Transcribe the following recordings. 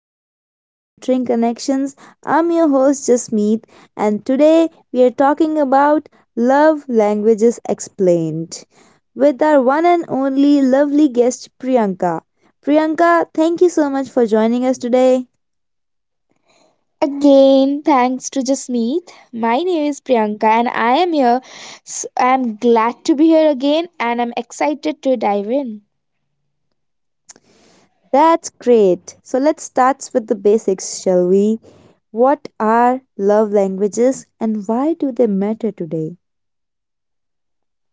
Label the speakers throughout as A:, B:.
A: episode of Nutrient Connections. I'm your host Jasmeet, and today we are talking about love languages explained with our one and only lovely guest Priyanka. Priyanka, thank you so much for joining us today.
B: Again, thanks to Jasmeet. My name is Priyanka and I am here. I'm glad to be here again and I'm excited to dive in.
A: That's great. So let's start with the basics, shall we? What are love languages and why do they matter today?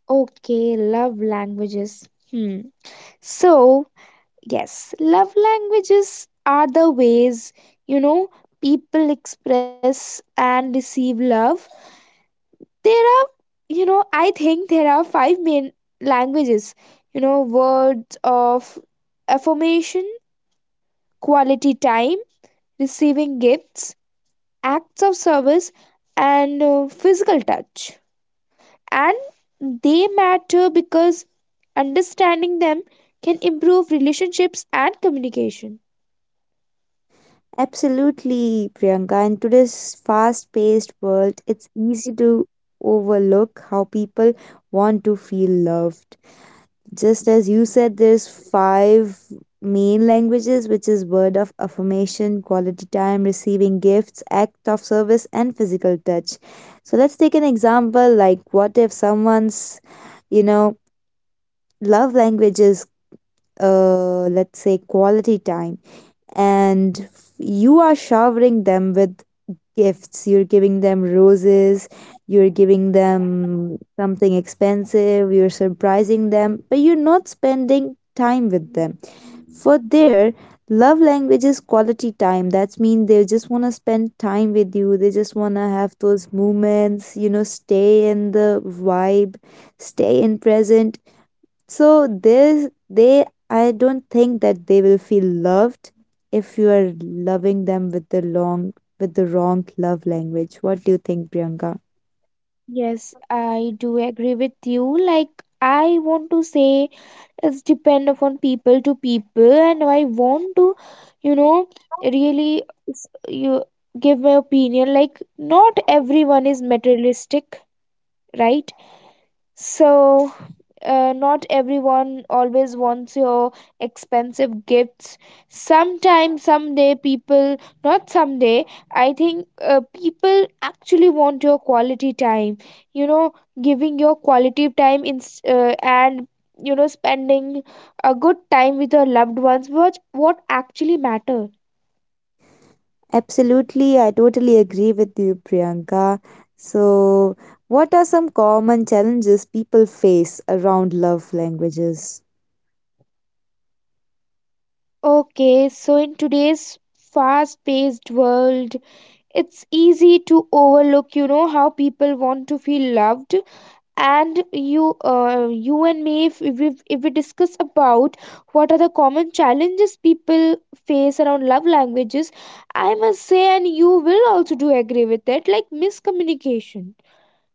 B: Okay, love languages. Hmm. So, yes, love languages are the ways, you know, people express and receive love. There are, you know, I think there are five main languages, words of affirmation, quality time, receiving gifts, acts of service, and physical touch. And they matter because understanding them can improve relationships and communication.
A: Absolutely, Priyanka. In today's fast paced world, it's easy to overlook how people want to feel loved. Just as you said, there's five main languages, which is word of affirmation, quality time, receiving gifts, act of service, and physical touch. So let's take an example, like what if someone's, you know, love language is, let's say, quality time, and you are showering them with gifts, you're giving them roses, you're giving them something expensive, you're surprising them, but you're not spending time with them. For their love language is quality time. That's mean they just want to spend time with you. They just want to have those moments, you know, stay in the vibe, stay in present. So this, they, I don't think that they will feel loved if you are loving them with the wrong love language. What do you think, Priyanka?
B: Yes, I do agree with you. Like, I want to say it's depend upon people to people, and I want to, you know, really you give my opinion. Like, not everyone is materialistic, right? So not everyone always wants your expensive gifts. Sometimes, someday people not someday I think people actually want your quality time, you know giving your quality time in and spending a good time with your loved ones, what actually matter.
A: Absolutely, I totally agree with you, Priyanka. So, what are some common challenges people face around love languages?
B: Okay, so in today's fast paced world, it's easy to overlook, how people want to feel loved. And you and me, if we discuss about what are the common challenges people face around love languages, I must say, and you will also do agree with it, like miscommunication,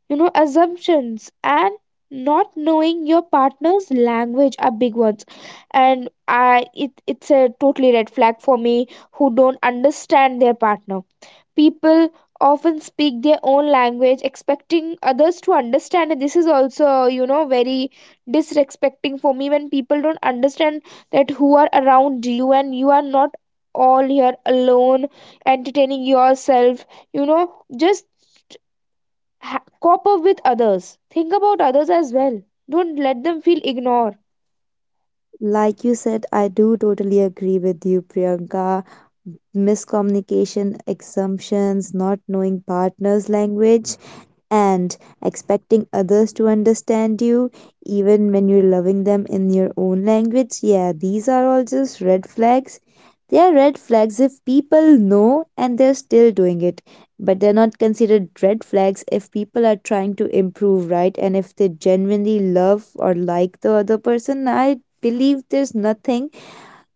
B: assumptions and not knowing your partner's language are big ones. And it's a totally red flag for me who don't understand their partner. People often speak their own language expecting others to understand, and this is also, very disrespecting for me when people don't understand that who are around you, and you are not all here alone entertaining yourself, you know just cop up with others. Think about others as well. Don't let them feel ignored.
A: Like you said, I do totally agree with you, Priyanka. Miscommunication, assumptions, not knowing partner's language, and expecting others to understand you even when you're loving them in your own language. Yeah, these are all just red flags. They are red flags if people know and they're still doing it. But they're not considered red flags if people are trying to improve, right? And if they genuinely love or like the other person, I believe there's nothing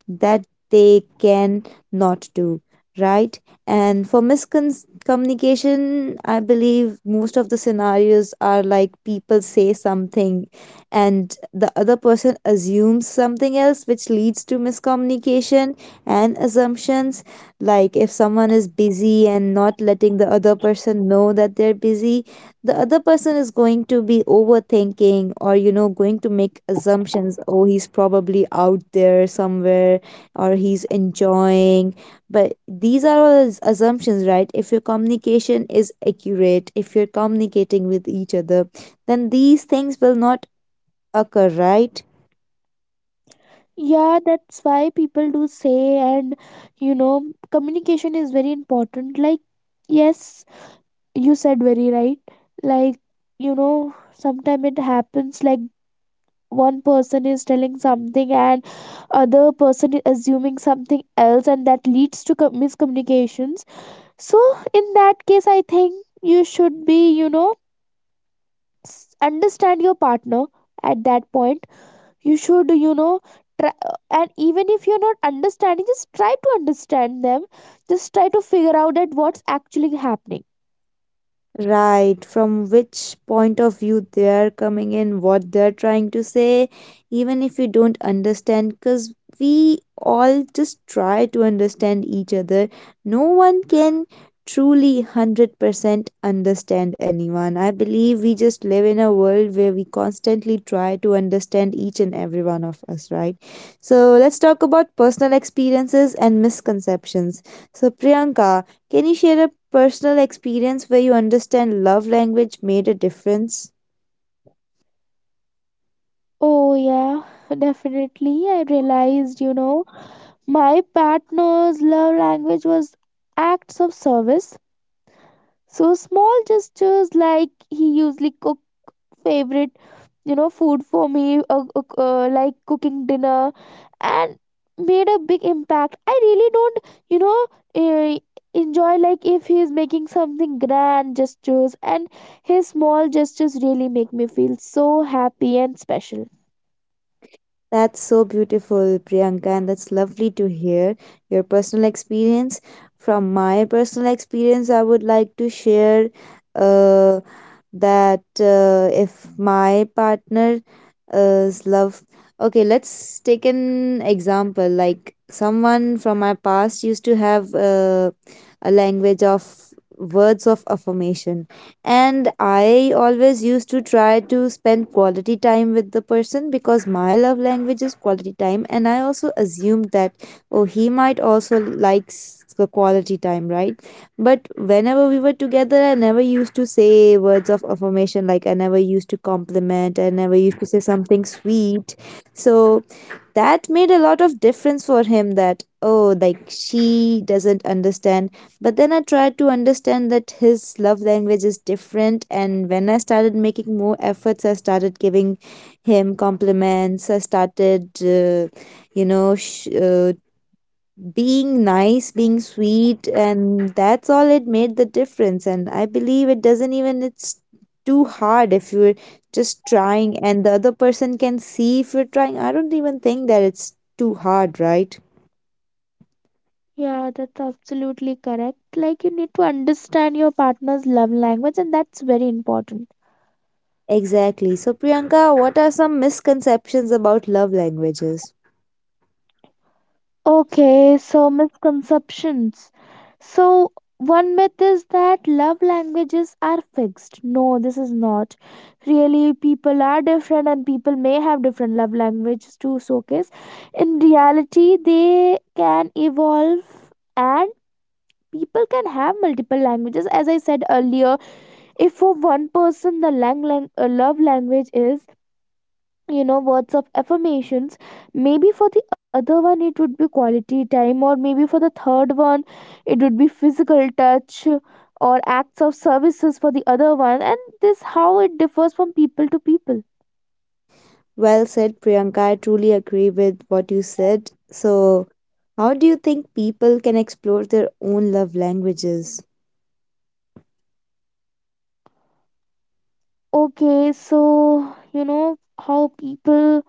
A: that they can not do, right? And for miscommunication, I believe most of the scenarios are like people say something and the other person assumes something else, which leads to miscommunication and assumptions. Like if someone is busy and not letting the other person know that they're busy, the other person is going to be overthinking, or, you know, going to make assumptions. Oh, he's probably out there somewhere, or he's enjoying. But these are all assumptions, right? If your communication is accurate, if you're communicating with each other, then these things will not occur, right?
B: Yeah, that's why people do say, and you know, communication is very important. Like, yes, you said very right. Like, sometimes it happens like one person is telling something and other person is assuming something else, and that leads to miscommunications. So, in that case, I think you should be, understand your partner at that point. You should, try, and even if you're not understanding, just try to understand them. Just try to figure out that what's actually happening.
A: Right, from which point of view they are coming in, what they are trying to say, even if you don't understand, because we all just try to understand each other. No one can truly 100% understand anyone. I believe we just live in a world where we constantly try to understand each and every one of us, right? So let's talk about personal experiences and misconceptions. So, Priyanka, can you share a personal experience where you understand love language made a difference?
B: Oh yeah, definitely. I realized, my partner's love language was acts of service. So small gestures, like he usually cooked favorite, food for me, like cooking dinner, and made a big impact. I really don't, you know eh, enjoy like if he's making something grand gestures, and his small gestures really make me feel so happy and special.
A: That's so beautiful, Priyanka, and that's lovely to hear your personal experience. From my personal experience, I would like to share, uh, that if my partner is love okay, let's take an example, like someone from my past used to have a language of words of affirmation, and I always used to try to spend quality time with the person because my love language is quality time, and I also assumed that, oh, he might also likes the quality time, right? But whenever we were together, I never used to say words of affirmation. Like, I never used to compliment. I never used to say something sweet. So that made a lot of difference for him that, oh, like she doesn't understand. But then I tried to understand that his love language is different. And when I started making more efforts, I started giving him compliments. I started, you know, sh- uh, being nice, being sweet, and that's all, it made the difference. And I believe it doesn't even, it's too hard if you're just trying, and the other person can see if you're trying. I don't even think that it's too hard, right?
B: Yeah, that's absolutely correct. Like, you need to understand your partner's love language, and that's very important.
A: Exactly. So, Priyanka, what are some misconceptions about love languages?
B: Okay, so misconceptions. So, one myth is that love languages are fixed. No, this is not. Really, people are different and people may have different love languages to showcase. In reality, they can evolve and people can have multiple languages. As I said earlier, if for one person the love language is, words of affirmations, maybe for the other one it would be quality time, or maybe for the third one it would be physical touch, or acts of services for the other one. And this how it differs from people to people.
A: Well said, Priyanka. I truly agree with what you said. So, how do you think people can explore their own love languages?
B: Okay, so, how people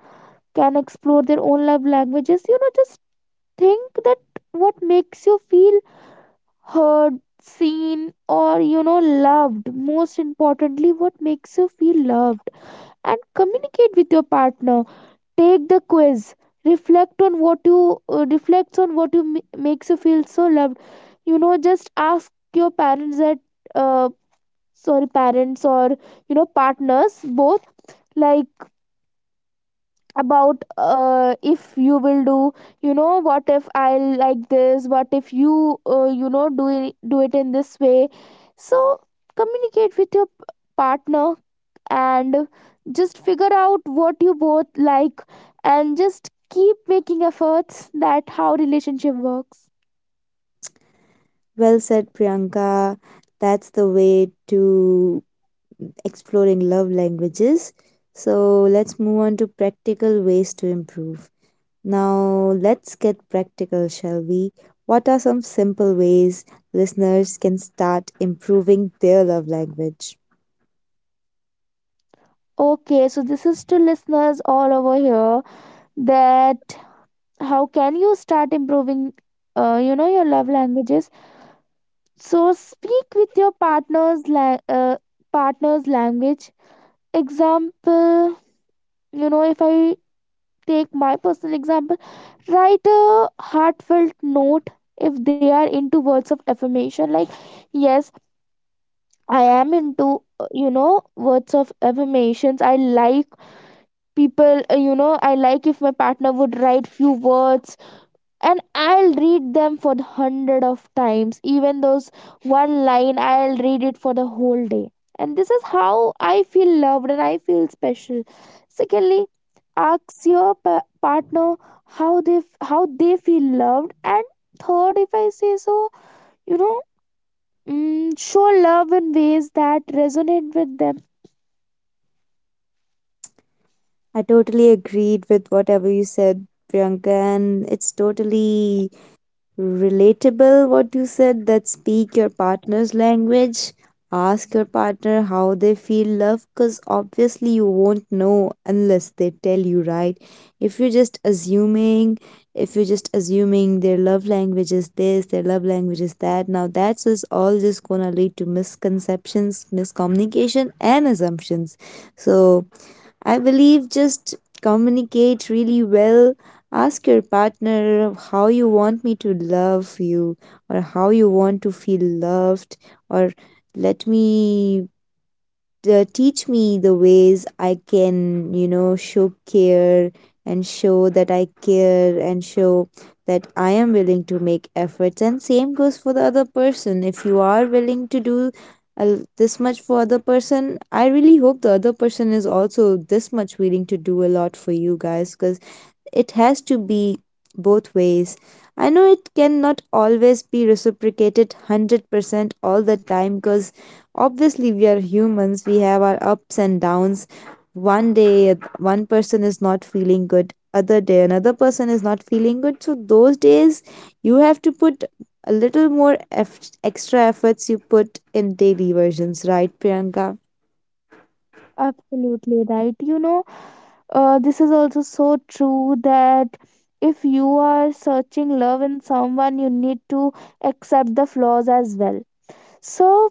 B: can explore their own love languages, just think that what makes you feel heard, seen, or, loved. Most importantly, what makes you feel loved, and communicate with your partner. Take the quiz. Reflect on what you, reflects on what makes you feel so loved. Just ask your parents that, uh, sorry, parents or, partners, both, like, about if you will do, what if I like this, what if you, you know do it in this way. So communicate with your partner, and just figure out what you both like, and just keep making efforts. That how relationship works.
A: Well said, Priyanka. That's the way to exploring love languages. So let's move on to practical ways to improve. Now, let's get practical, shall we? What are some simple ways listeners can start improving their love language?
B: Okay, so this is to listeners all over here, that how can you start improving, your love languages. So speak with your partner's language. Example, if I take my personal example, write a heartfelt note if they are into words of affirmation. Like, yes, I am into, words of affirmations. I like people, I like if my partner would write few words, and I'll read them for the hundred of times. Even those one line, I'll read it for the whole day. And this is how I feel loved and I feel special. Secondly, ask your partner how they how they feel loved. And third, if I say so, you know, show love in ways that resonate with them.
A: I totally agreed with whatever you said, Priyanka, and it's totally relatable, what you said, that speak your partner's language. Ask your partner how they feel love, because obviously you won't know unless they tell you, right? If you're just assuming, if you're just assuming their love language is this, their love language is that, now that's just all just gonna lead to misconceptions, miscommunication, and assumptions. So, I believe just communicate really well. Ask your partner how you want me to love you, or how you want to feel loved, or let me teach me the ways I can, you know, show care, and show that I care, and show that I am willing to make efforts. And same goes for the other person. If you are willing to do this much for other person, I really hope the other person is also this much willing to do a lot for you guys, because it has to be both ways. I know it cannot always be reciprocated 100% all the time, because obviously we are humans, we have our ups and downs. One day, one person is not feeling good, other day, another person is not feeling good. So, those days, you have to put a little more extra efforts you put in daily versions, right, Priyanka?
B: Absolutely right. This is also so true that if you are searching love in someone, you need to accept the flaws as well. So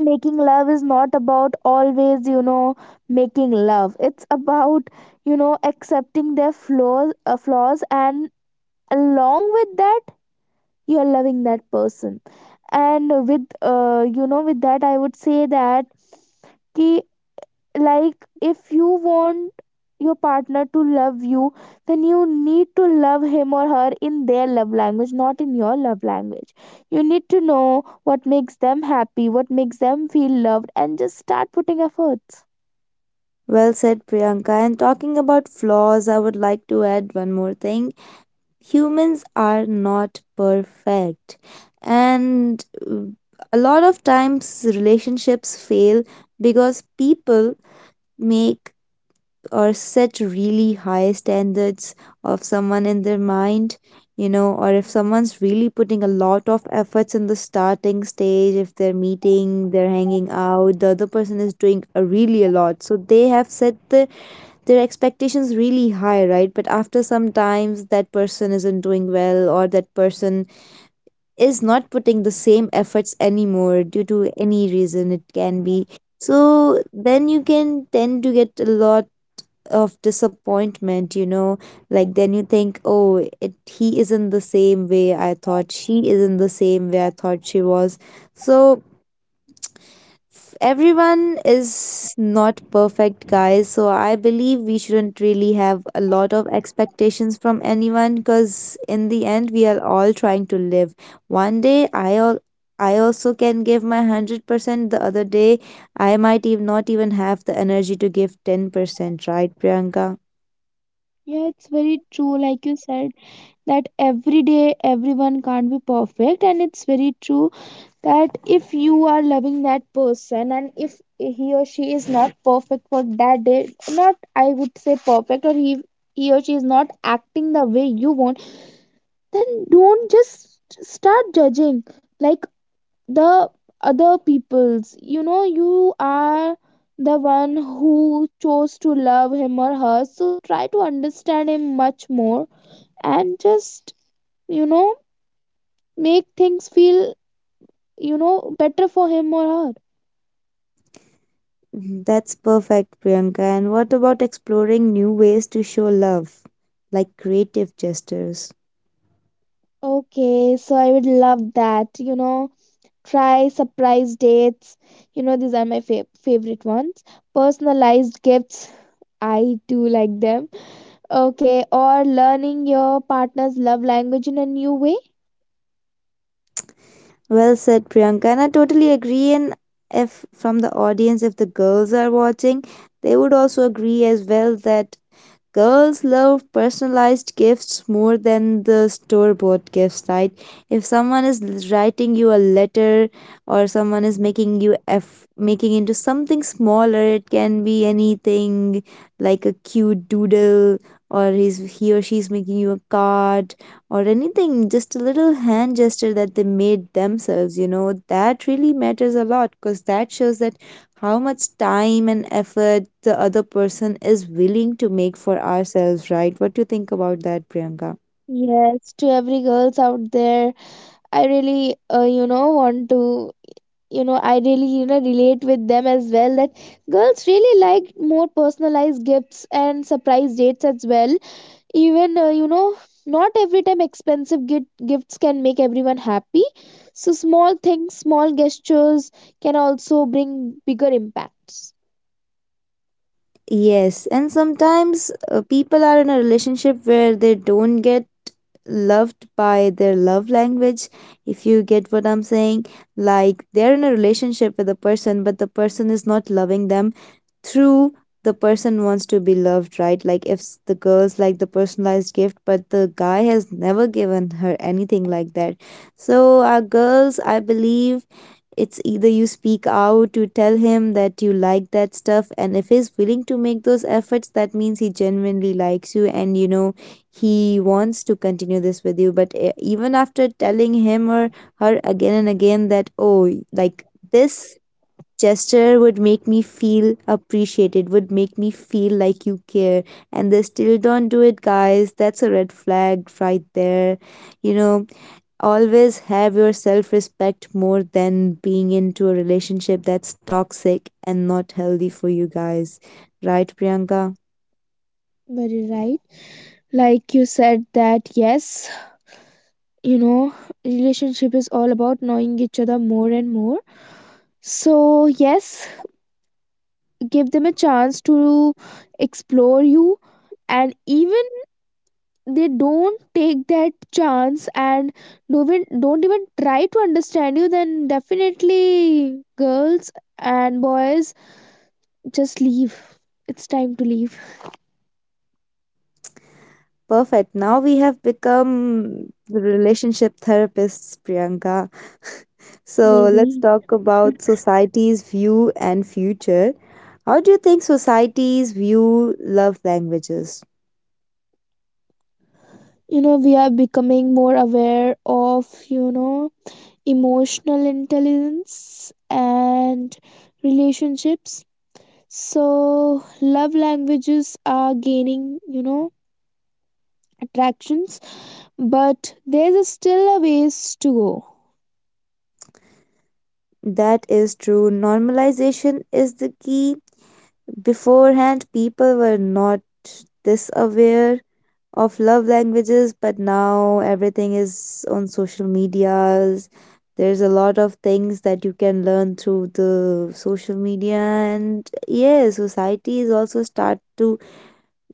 B: making love is not about always, making love. It's about, accepting their flaws, and along with that, you're loving that person. And with, with that, I would say that कि, like, if you want your partner to love you, then you need to love him or her in their love language, not in your love language. You need to know what makes them happy, what makes them feel loved, and just start putting efforts.
A: Well said, Priyanka. And talking about flaws, I would like to add one more thing. Humans are not perfect, and uh, a lot of times relationships fail because people make or set really high standards of someone in their mind, you know. Or if someone's really putting a lot of efforts in the starting stage, if they're meeting, they're hanging out, the other person is doing a really a lot, so they have set their expectations really high, right? But after some times, that person isn't doing well, or that person is not putting the same efforts anymore due to any reason, it can be. So then you can tend to get a lot of disappointment, you know. Like then you think, oh, it he isn't the same way I thought, she isn't the same way I thought she was. So everyone is not perfect, guys, so I believe we shouldn't really have a lot of expectations from anyone, because in the end we are all trying to live. One day i al- I also can give my 100%, the other day I might even not even have the energy to give 10%, right, Priyanka?
B: Yeah, it's very true, like you said, that every day everyone can't be perfect, and it's very true that if you are loving that person, and if he or she is not perfect for that day, not I would say perfect or he or she is not acting the way you want, then don't just start judging. Like the other people's, you are the one who chose to love him or her, so try to understand him much more, and just, you know make things feel, better for him or her.
A: Mhm, that's perfect, Priyanka. And what about exploring new ways to show love, like creative gestures?
B: Okay, so I would love that. Try surprise dates. These are my favorite ones. Personalized gifts, I do like them. Okay, or learning your partner's love language in a new way.
A: Well said, Priyanka. And I totally agree. And if from the audience, if the girls are watching, they would also agree as well that girls love personalized gifts more than the store bought gifts, right? If someone is writing you a letter, or someone is making you f making into something smaller, it can be anything, like a cute doodle, or he or she's making you a card, or anything, just a little hand gesture that they made themselves, you know, that really matters a lot, because that shows that how much time and effort the other person is willing to make for ourselves, right? What do you think about that, Priyanka?
B: Yes, to every girls out there, I really, want to, you know, I really, you know, relate with them as well, that girls really like more personalized gifts and surprise dates as well. Even, not every time expensive gifts can make everyone happy. So small things, small gestures, can also bring bigger impacts.
A: Yes, and sometimes people are in a relationship where they don't get loved by their love language, if you get what I'm saying. Like they're in a relationship with a person, but the person is not loving them through the person wants to be loved, right? Like if the girls like the personalized gift, but the guy has never given her anything like that. So our girls, I believe, it's either you speak out to tell him that you like that stuff, and if he's willing to make those efforts, that means he genuinely likes you, and you know he wants to continue this with you. But even after telling him or her again and again that, oh, like this gesture would make me feel appreciated, would make me feel like you care. And they still don't do it, guys. That's a red flag right there. You know, always have your self respect more than being into a relationship that's toxic and not healthy for you guys. Right, Priyanka?
B: Very right, like you said that, yes, you know relationship is all about knowing each other more and more. So yes, give them a chance to explore you, and even they don't take that chance and don't even try to understand you, then definitely girls and boys, just leave. It's time to leave.
A: Perfect. Now we have become the relationship therapists, Priyanka. So let's
B: Maybe.
A: talk about society's view and future. How do you think societies view love languages?
B: We are becoming more aware of, emotional intelligence and relationships. So love languages are gaining, attractions, but there's a still a ways to go.
A: That is true. Normalization is the key. Beforehand, people were not this aware of love languages, but now everything is on social medias. There's a lot of things that you can learn through the social media, and yeah, society is also start to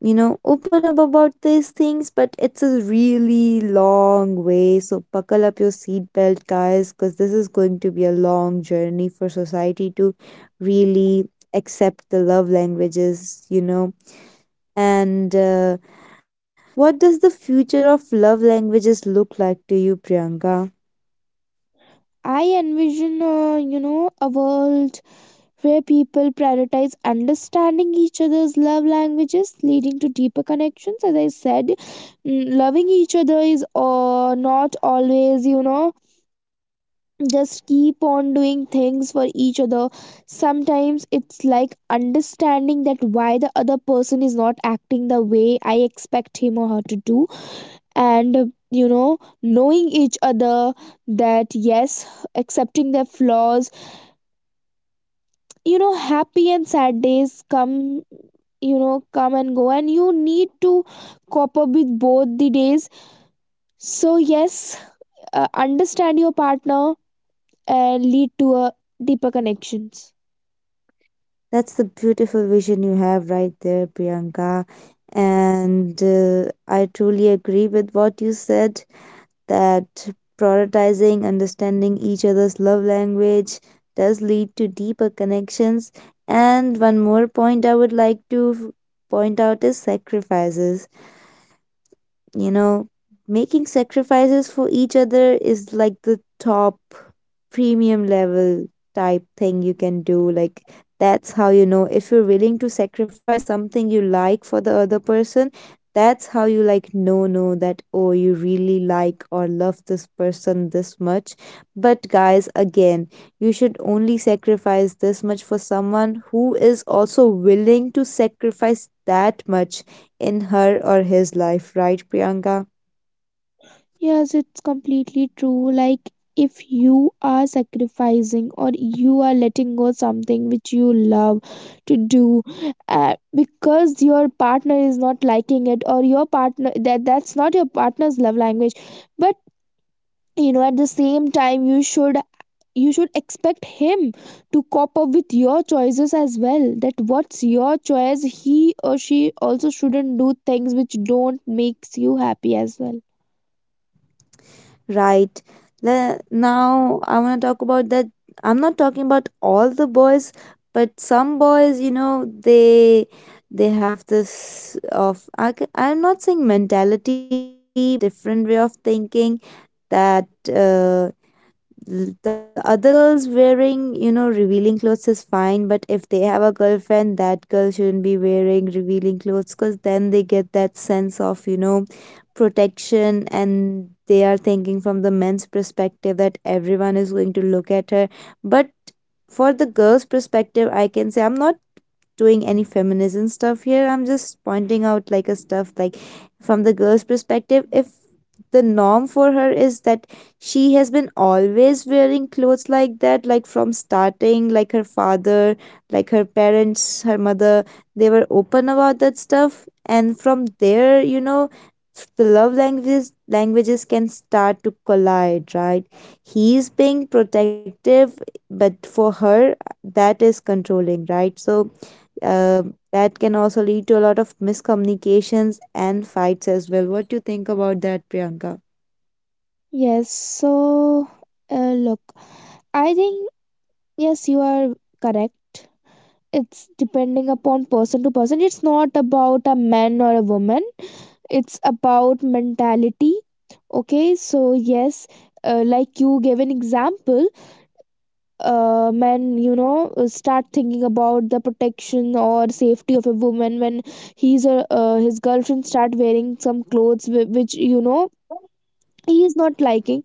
A: open up about these things, but it's a really long way. So buckle up your seatbelt, guys, because this is going to be a long journey for society to really accept the love languages. And What does the future of love languages look like to you, Priyanka?
B: I envision, a world where people prioritize understanding each other's love languages, leading to deeper connections. As I said, loving each other is, not always, just keep on doing things for each other. Sometimes it's like understanding that why the other person is not acting the way I expect him or her to do. And, knowing each other, that yes, accepting their flaws, happy and sad days come, come and go, and you need to cope up with both the days. So yes, understand your partner and lead to a deeper connections.
A: That's the beautiful vision you have right there, Priyanka. And I truly agree with what you said that prioritizing understanding each other's love language does lead to deeper connections. And one more point I would like to point out is sacrifices, you know, making sacrifices for each other is like the top premium level type thing you can do. Like, that's how you know if you're willing to sacrifice something you like for the other person. That's how you like know that oh you really like or love this person this much. But guys, again, you should only sacrifice this much for someone who is also willing to sacrifice that much in her or his life, right, Priyanka?
B: Yes, it's completely true. Like, if you are sacrificing or you are letting go something which you love to do, because your partner is not liking it, or your partner, that's not your partner's love language, but, at the same time you should, you should expect him to cope up with your choices as well, that what's your choice. He or she also shouldn't do things which don't makes you happy as well.
A: Right. Now, I want to talk about that. I'm not talking about all the boys, but some boys, you know, they have this of I'm not saying mentality, but a different way of thinking that The other girls wearing, you know, revealing clothes is fine, but if they have a girlfriend, that girl shouldn't be wearing revealing clothes because then they get that sense of, you know, protection and they are thinking from the men's perspective that everyone is going to look at her. But for the girl's perspective, I can say I'm not doing any feminism stuff here. I'm just pointing out like a stuff like from the girl's perspective, if the norm for her is that she has been always wearing clothes like that, like from starting, like her father, like her parents, her mother, they were open about that stuff. And from there, you know, the love languages can start to collide, right? He's being protective, but for her, that is controlling, right? So uh, that can also lead to a lot of miscommunications and fights as well. What do you think about that, Priyanka?
B: Yes, so look, I think, yes, you are correct. It's depending upon person to person. It's not about a man or a woman. It's about mentality. Okay, so yes, like you gave an example, men, start thinking about the protection or safety of a woman when he's a, his girlfriend start wearing some clothes, which, he is not liking.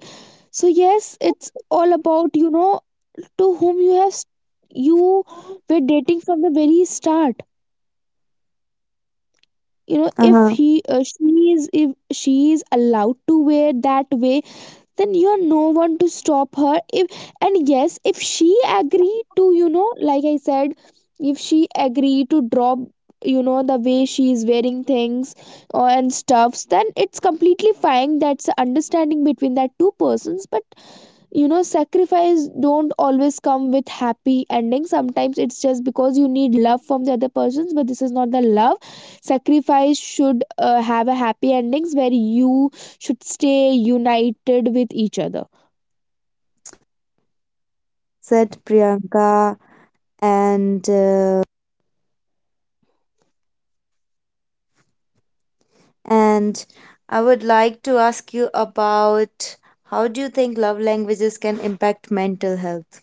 B: So yes, it's all about, to whom you have s- you were dating from the very start. If
A: Uh-huh.
B: he she is, if she is allowed to wear that way, then you are no one to stop her. If, and yes, if she agree to, like I said, if she agree to drop, the way she is wearing things or and stuffs, then it's completely fine. That's a understanding between that two persons. But, sacrifice don't always come with happy ending. Sometimes it's just because you need love from the other persons, but this is not the love. Sacrifice should, have a happy endings where you should stay united with each other.
A: Said Priyanka, and uh, and I would like to ask you about how do you think love languages can impact mental health?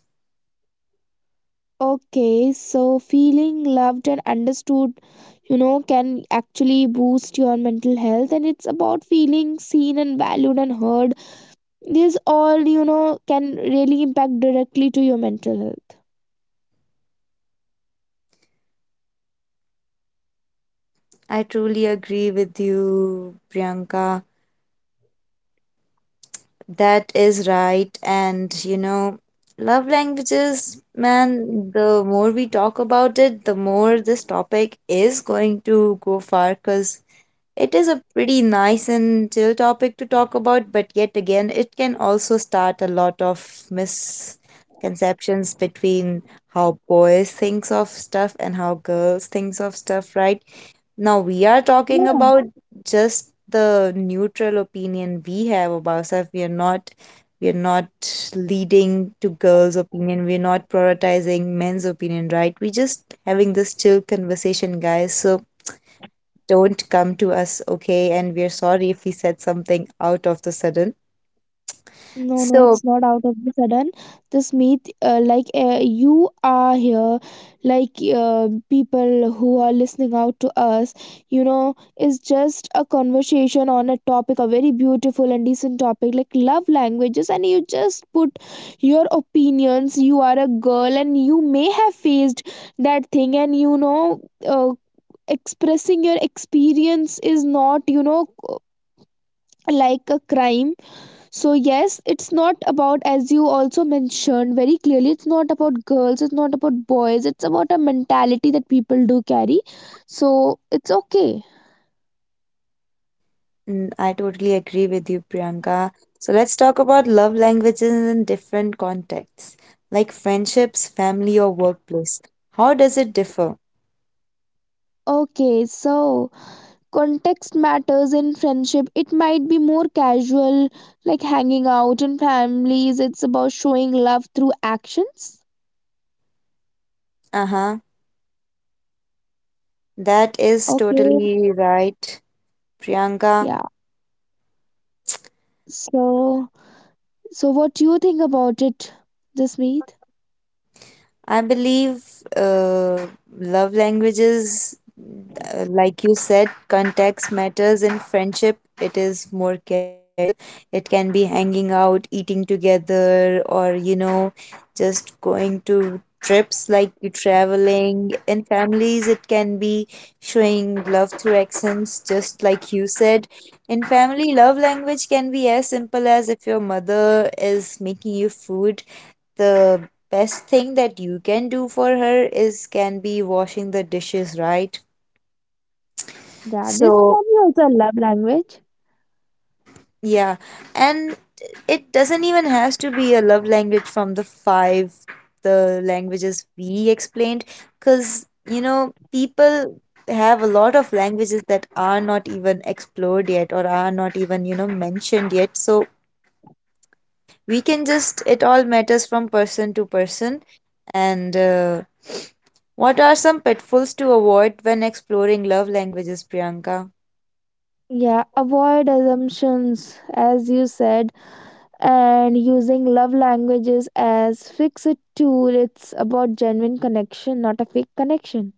B: Okay, so feeling loved and understood, can actually boost your mental health, and it's about feeling seen and valued and heard. This all, can really impact directly to your mental health.
A: I truly agree with you, Priyanka. That is right. And you know, love languages, man, the more we talk about it, the more this topic is going to go far because it is a pretty nice and chill topic to talk about. But yet again, it can also start a lot of misconceptions between how boys thinks of stuff and how girls thinks of stuff, right? Now, we are talking about just the neutral opinion we have about ourselves. We are not leading to girls' opinion. We're not prioritizing men's opinion, right? We're just having this chill conversation, guys. So don't come to us, okay? And we are sorry if we said something out of the sudden.
B: No, no,
A: So
B: it's not out of the sudden. This myth, you are here, people who are listening out to us, you know, is just a conversation on a topic, a very beautiful and decent topic like love languages, and you just put your opinions. You are a girl, and you may have faced that thing, and, uh, expressing your experience is not, like a crime. So, yes, it's not about, as you also mentioned very clearly, it's not about girls, it's not about boys, it's about a mentality that people do carry. So, it's okay.
A: mm, I totally agree with you, Priyanka. So let's talk about love languages in different contexts, like friendships, family, or workplace. How does it differ?
B: Okay, so context matters. In friendship, it might be more casual, like hanging out. In families, it's about showing love through actions.
A: Uh-huh. That is
B: Okay,
A: totally right, Priyanka.
B: yeah. So, so what do you think about it, Jasmeet?
A: I believe uh, love languages, like you said, context matters in friendship. It is more casual. It can be hanging out, eating together, or you know, just going to trips like you traveling. In families, it can be showing love through accents, just like you said. In family, love language can be as simple as if your mother is making you food, the best thing that you can do for her is can be washing the dishes, right?
B: Yeah, this
A: So,
B: can be also a love language.
A: yeah. And it doesn't even has to be a love language from the 5 the languages we explained cuz you know people have a lot of languages that are not even explored yet or are not even you know mentioned yet so we can just it all matters from person to person and what are some pitfalls to avoid when exploring love languages, Priyanka?
B: Yeah, avoid assumptions, as you said, and using love languages as fix it tool. It's about genuine connection, not a fake connection.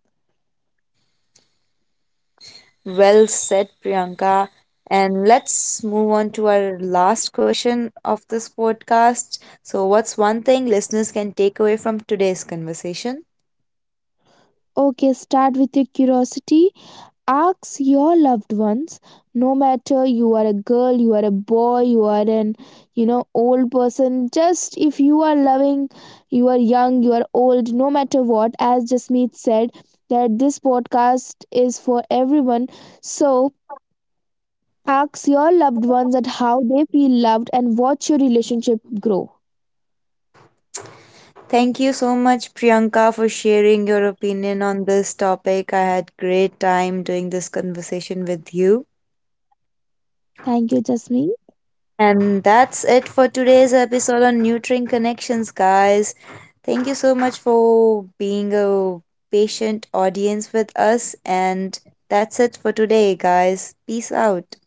A: Well said, Priyanka. And let's move on to our last question of this podcast. So what's one thing listeners can take away from today's conversation?
B: Okay, start with your curiosity. Ask your loved ones, no matter you are a girl, you are a boy, you are an, old person. Just if you are loving, you are young, you are old, no matter what, as Jasmeet said, that this podcast is for everyone. So ask your loved ones at how they feel loved and watch your relationship grow.
A: Thank you so much, Priyanka, for sharing your opinion on this topic. I had great time doing this conversation with you.
B: Thank you, Jasmine.
A: And that's it for today's episode on Nurturing Connections, guys. Thank you so much for being a patient audience with us. And that's it for today, guys. Peace out.